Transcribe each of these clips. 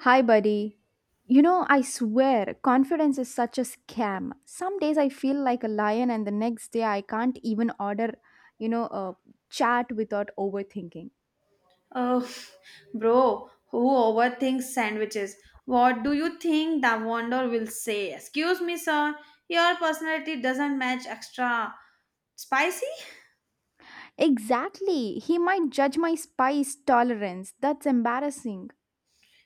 Hi, buddy. You know, I swear, confidence is such a scam. Some days I feel like a lion, and the next day I can't even order, a chat without overthinking. Oh, bro, who overthinks sandwiches? What do you think the vendor will say? Excuse me, sir, your personality doesn't match extra spicy? Exactly. He might judge my spice tolerance. That's embarrassing.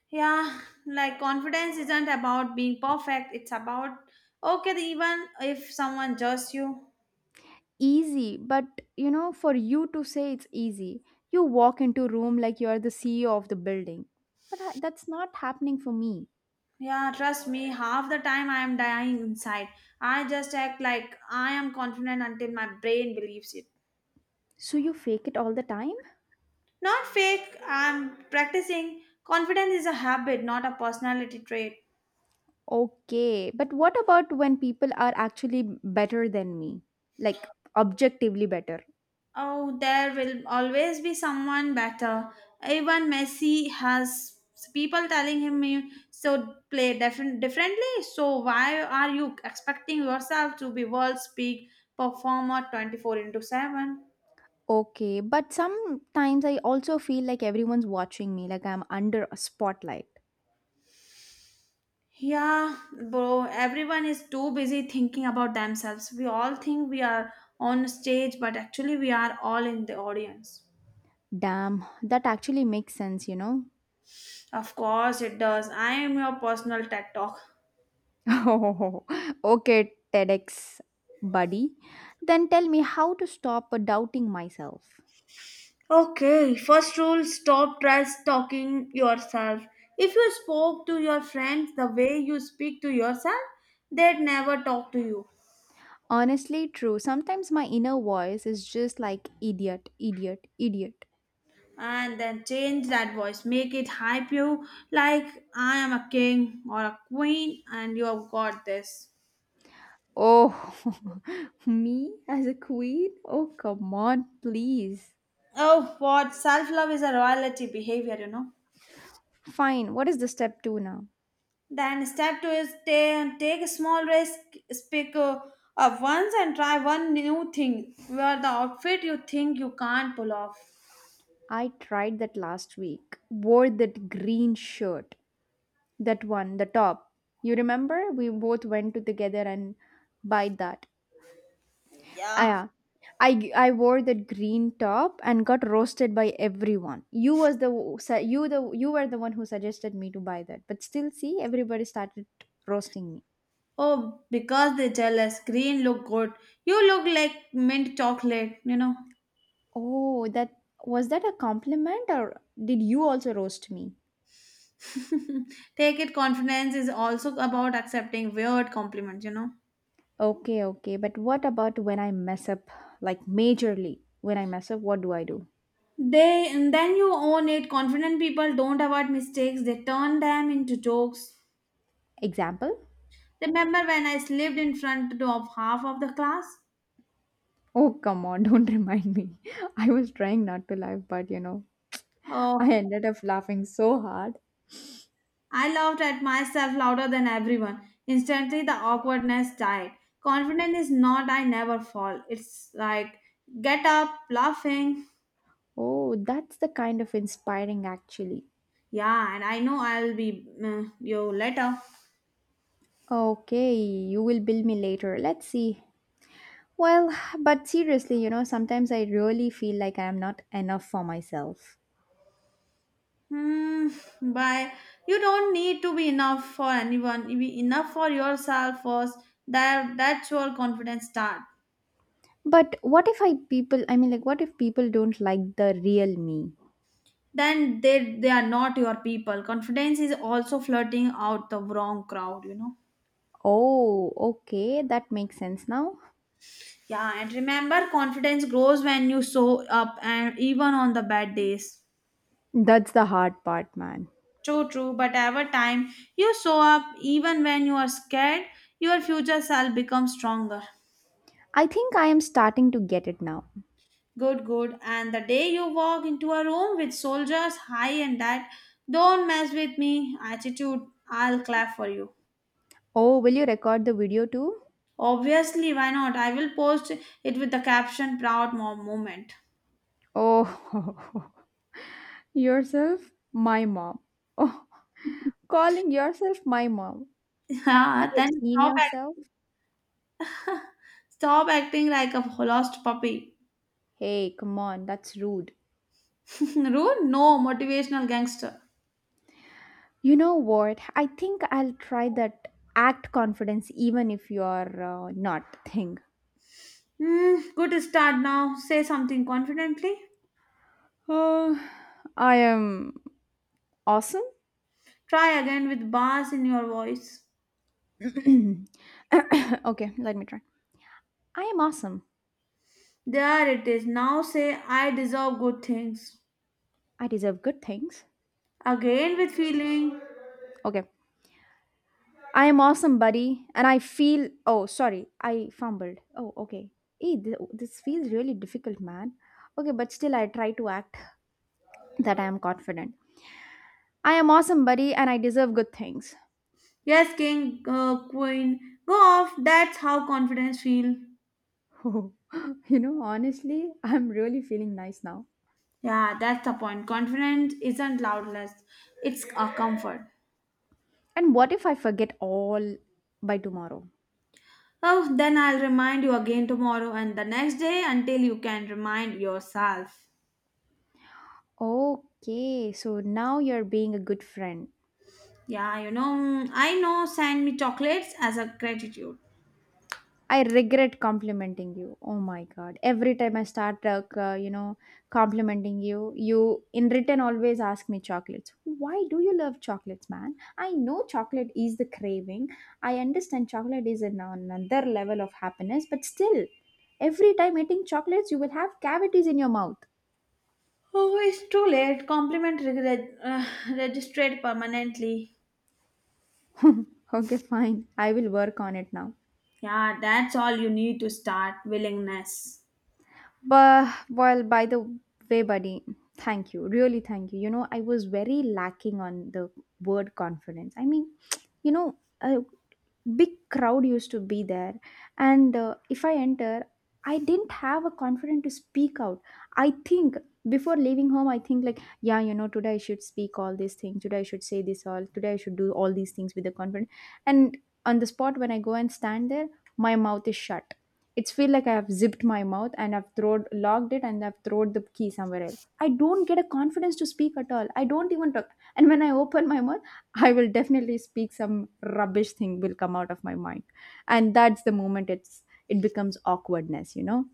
Yeah, like confidence isn't about being perfect, it's about okay, even if someone judges you. Easy, but you know, for you to say it's easy, you walk into room like you are the CEO of the building. But I, that's not happening for me. Yeah, trust me, half the time I am dying inside. I just act like I am confident until my brain believes it. So you fake it all the time? Not fake, I'm practicing. Confidence is a habit, not a personality trait. Okay, but what about when people are actually better than me? Like objectively better. Oh, there will always be someone better. Even Messi has people telling him you so play different differently. So why are you expecting yourself to be world's peak performer 24 into 7? Okay, but sometimes I also feel like everyone's watching me, like I'm under a spotlight. Yeah, bro, everyone is too busy thinking about themselves. We all think we are on stage, but actually we are all in the audience. Damn, that actually makes sense, you know? Of course it does. I am your personal TED talk. Oh, okay, TEDx buddy. Then tell me how to stop doubting myself. Okay, first rule stop trash talking yourself. If you spoke to your friends the way you speak to yourself, they'd never talk to you. Honestly, true. Sometimes my inner voice is just like idiot, idiot, idiot. And then change that voice. Make it hype you like I am a king or a queen and you have got this. Oh, me as a queen? Oh, come on, please. Oh, what? Self love is a royalty behavior, you know. Fine, what is the step two now? Then step two is take a small risk, speak once and try one new thing. Wear the outfit you think you can't pull off. I tried that last week. Wore that green shirt. That one, the top. You remember? We both went to together and buy that. Yeah. Ah, yeah. I wore that green top and got roasted by everyone. You the you were the one who suggested me to buy that. But still see everybody started roasting me. Oh, because they're jealous. Green look good. You look like mint chocolate, you know. Oh, that, was that a compliment or did you also roast me? Take it confidence is also about accepting weird compliments, you know. Okay, okay. But what about when I mess up? Like majorly, when I mess up, what do I do? They and then you own it. Confident people don't avoid mistakes, they turn them into jokes. Example? Remember when I slept in front of half of the class? Oh, come on, don't remind me. I was trying not to laugh, but I Oh, ended up laughing so hard. I laughed at myself louder than everyone. Instantly, the awkwardness died. Confidence is not I never fall. It's like get up, laughing. Oh, that's the kind of inspiring actually. Yeah, and I know I'll be you later. Okay, you will bill me later. Let's see. Well, but seriously, you know, sometimes I really feel like I am not enough for myself. Hmm, bye. You don't need to be enough for anyone. Be enough for yourself first. That's your confidence start. But what if I mean, like, what if people don't like the real me? Then they are not your people. Confidence is also flirting out the wrong crowd. You know. Oh, okay, that makes sense now. Yeah, and remember, confidence grows when you show up, and even on the bad days. That's the hard part, man. True, true, but every time, you show up, even when you are scared, your future self becomes stronger. I think I am starting to get it now. Good, good. And the day you walk into a room with soldiers high and that, don't mess with me attitude, I'll clap for you. Oh, will you record the video too? Obviously, why not? I will post it with the caption proud mom moment. Oh, yourself, my mom. Oh, calling yourself my mom. Have Yeah, you then seen stop, yourself? act- stop acting like a lost puppy. Hey, come on, that's rude. Rude? No, motivational gangster. You know what? I think I'll try that act confidence even if you're not thing. Hmm, good start now. Say something confidently. Uh, I am awesome. Try again with bass in your voice. Okay, let me try. I am awesome. There it is. Now say, I deserve good things. I deserve good things. Again with feeling. Okay. I am awesome, buddy. And I feel. Oh, sorry. I fumbled. Oh, okay. Hey, this feels really difficult, man. Okay, but still, I try to act that I am confident. I am awesome, buddy, and I deserve good things. Yes, king, queen. Go off. That's how confidence feel. You know, honestly, I'm really feeling nice now. Yeah, that's the point. Confidence isn't loudness. It's a comfort. And what if I forget all by tomorrow? Oh, then I'll remind you again tomorrow and the next day until you can remind yourself. Okay, so now you're being a good friend. Yeah, you know, I know send me chocolates as a gratitude. I regret complimenting you. Oh my god. Every time I start, you know, complimenting you, you in return always ask me chocolates. Why do you love chocolates, man? I know chocolate is the craving. I understand chocolate is another level of happiness, but still, every time eating chocolates, you will have cavities in your mouth. Oh, it's too late. Compliment registered permanently. Okay, fine. I will work on it now. Yeah, that's all you need to start willingness. But well, by the way, buddy, thank you. Really, thank you. You know, I was very lacking on the word confidence. I mean, you know, big crowd used to be there and if I enter, I didn't have a confidence to speak out. I think before leaving home, I think like, yeah, you know, today I should speak all these things, today I should say this all, today I should do all these things with the confidence. And on the spot, when I go and stand there, my mouth is shut. It's feel like I have zipped my mouth and I've thrown, locked it, and I've thrown the key somewhere else. I don't get a confidence to speak at all. I don't even talk. And when I open my mouth, I will definitely speak, some rubbish thing will come out of my mind. And that's the moment it becomes awkwardness, you know.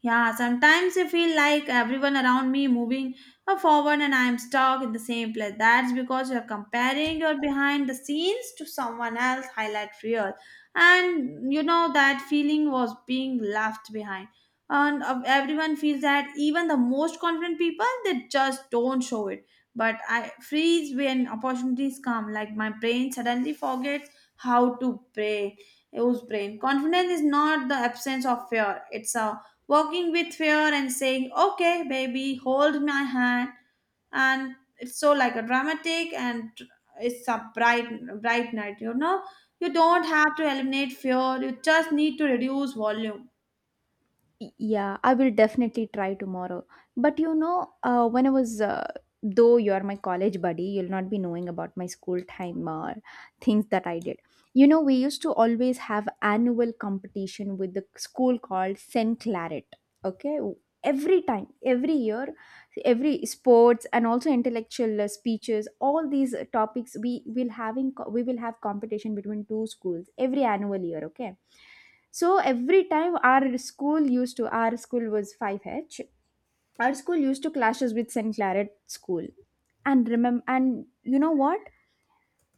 Yeah, sometimes I feel like everyone around me moving forward and I'm stuck in the same place. That's because you're comparing your behind the scenes to someone else highlight reel. And you know that feeling was being left behind. And everyone feels that even the most confident people they just don't show it. But I freeze when opportunities come. Like my brain suddenly forgets how to pray. Use brain. Confidence is not the absence of fear. It's a walking with fear and saying, okay, baby, hold my hand. And it's so like a dramatic and it's a bright, bright night, you know. You don't have to eliminate fear, you just need to reduce volume. Yeah, I will definitely try tomorrow. But you know, when I was, though you are my college buddy, you'll not be knowing about my school time things that I did. You know, we used to always have annual competition with the school called Senclarit. Okay, every time, every year, every sports and also intellectual speeches, all these topics we will having we will have competition between two schools every annual year. Okay, so every time our school was 5H. Our school used to clashes with St. Claret school. And remember, and you know what?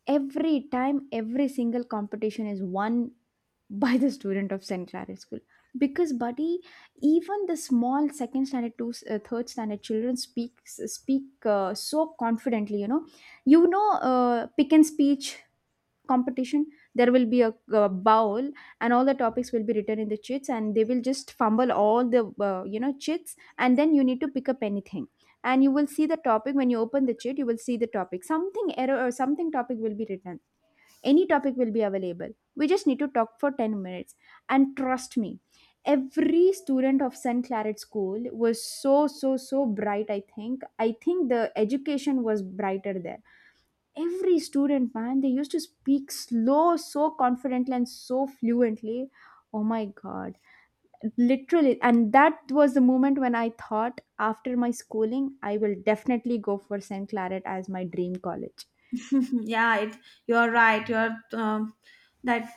Every time, every single competition is won by the student of St. Claret school. Because, buddy, even the small second standard to third standard children speak so confidently. You know, pick and speech competition, there will be a, uh, bowl, and all the topics will be written in the chits, and they will just fumble all the chits, and then you need to pick up anything. And you will see the topic, when you open the chit you will see the topic, something error or something topic will be written. Any topic will be available. We just need to talk for 10 minutes. And trust me, every student of St. Claret School was so bright. I think the education was brighter there. Every student, man, they used to speak slow, so confidently and so fluently. Oh my god, literally. And that was the moment when I thought, after my schooling I will definitely go for St. Claret as my dream college. Yeah, it, you are right. You are that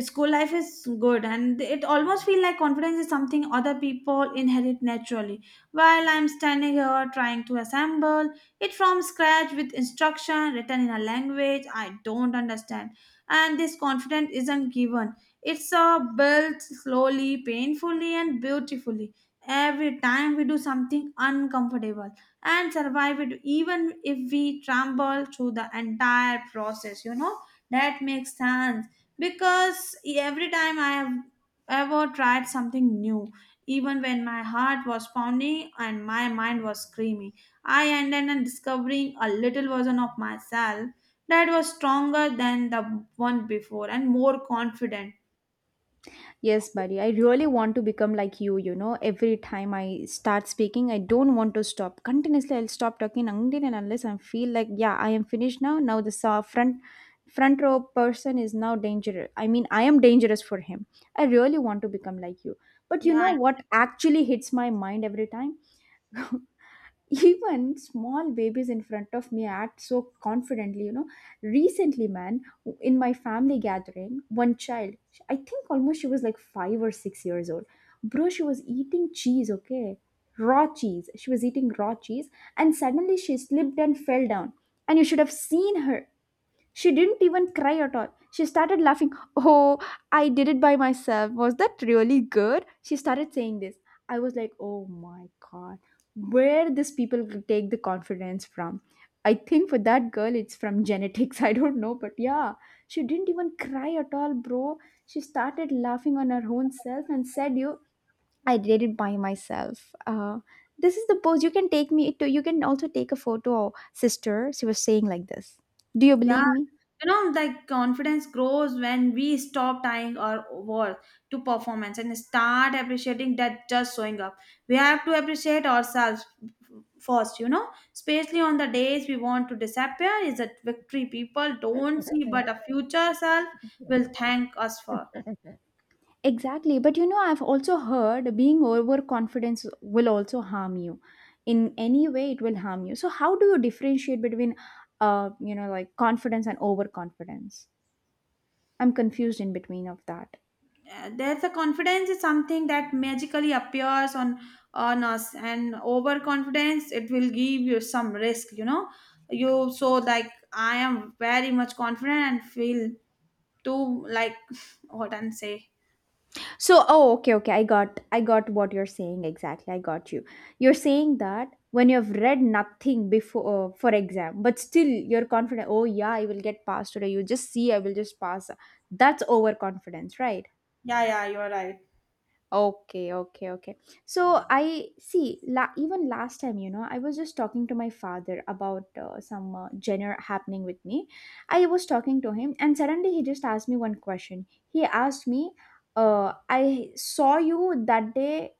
school life is good, and it almost feel like confidence is something other people inherit naturally while I'm standing here trying to assemble it from scratch with instruction written in a language I don't understand. And this confidence isn't given. It's built slowly, painfully, and beautifully every time we do something uncomfortable and survive it, even if we trample through the entire process, you know. That makes sense, because every time I have ever tried something new, even when my heart was pounding and my mind was screaming, I ended up discovering a little version of myself that was stronger than the one before and more confident. Yes, buddy. I really want to become like you know. Every time I start speaking, I don't want to stop. Continuously, I'll stop talking until and unless I feel like, yeah, I am finished now. Now the front row person is now dangerous. I mean, I am dangerous for him. I really want to become like you. But you know Yeah. what actually hits my mind every time? Even small babies in front of me act so confidently, you know. Recently, man, in my family gathering, one child, I think almost she was like 5 or 6 years old. Bro, she was eating cheese, okay, raw cheese, she was eating raw cheese. And suddenly she slipped and fell down. And you should have seen her. She didn't even cry at all. She started laughing. Oh, I did it by myself. Was that really good? She started saying this. I was like, oh my god, where these people take the confidence from? I think for that girl, it's from genetics. I don't know, but yeah, she didn't even cry at all, bro. She started laughing on her own self and said, "You, I did it by myself." This is the pose you can take me to. You can also take a photo, sister. She was saying like this. Do you Yeah, believe me? you know, like confidence grows when we stop tying our worth to performance and start appreciating that just showing up. We have to appreciate ourselves first, you know, especially on the days we want to disappear, is a victory people don't see, but a future self will thank us for. Exactly. But you know, I've also heard being overconfident will also harm you. In any way, it will harm you. So, how do you differentiate between, you know, like confidence and overconfidence? I'm confused in between of that. There's a confidence is something that magically appears on us, and overconfidence it will give you some risk, you know. You, so like I am very much confident and feel too, like what and say. So, oh, okay, okay. I got what you're saying exactly. I got you. You're saying that when you've read nothing before for exam, but still you're confident. Oh yeah, I will get passed today. You just see, I will just pass. That's overconfidence, right? Yeah, yeah, you're right. Okay, okay, okay. So I see, even last time, you know, I was just talking to my father about some dinner happening with me. I was talking to him, and suddenly he just asked me one question. He asked me, I saw you that day,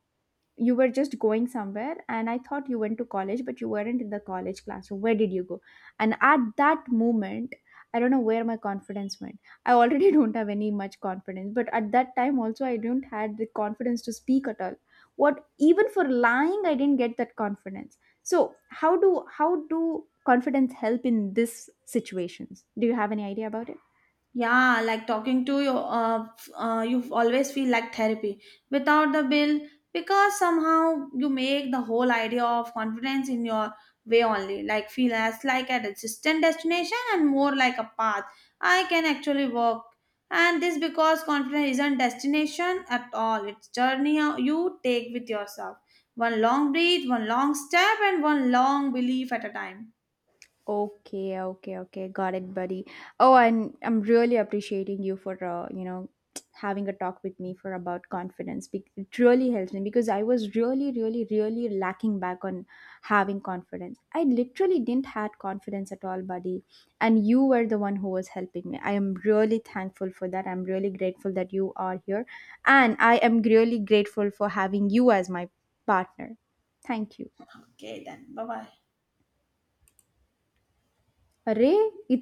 you were just going somewhere and I thought you went to college, but you weren't in the college classroom. Where did you go? And at that moment, I don't know where my confidence went. I already don't have any much confidence, but at that time also I didn't had the confidence to speak at all. What, even for lying I didn't get that confidence. So how do confidence help in this situations? Do you have any idea about it? Yeah, like talking to you, you always feel like therapy without the bill, because somehow you make the whole idea of confidence in your way only. Like feel as like a distant destination and more like a path I can actually walk, and this because confidence isn't destination at all. It's journey you take with yourself. One long breath, one long step, and one long belief at a time. Okay, okay, okay. Got it, buddy. Oh, and I'm really appreciating you for you know, having a talk with me for about confidence. It really helps me because I was really, really, really lacking back on having confidence. I literally didn't had confidence at all, buddy. And you were the one who was helping me. I am really thankful for that. I'm really grateful that you are here, and I am really grateful for having you as my partner. Thank you. Okay, then bye bye. अरे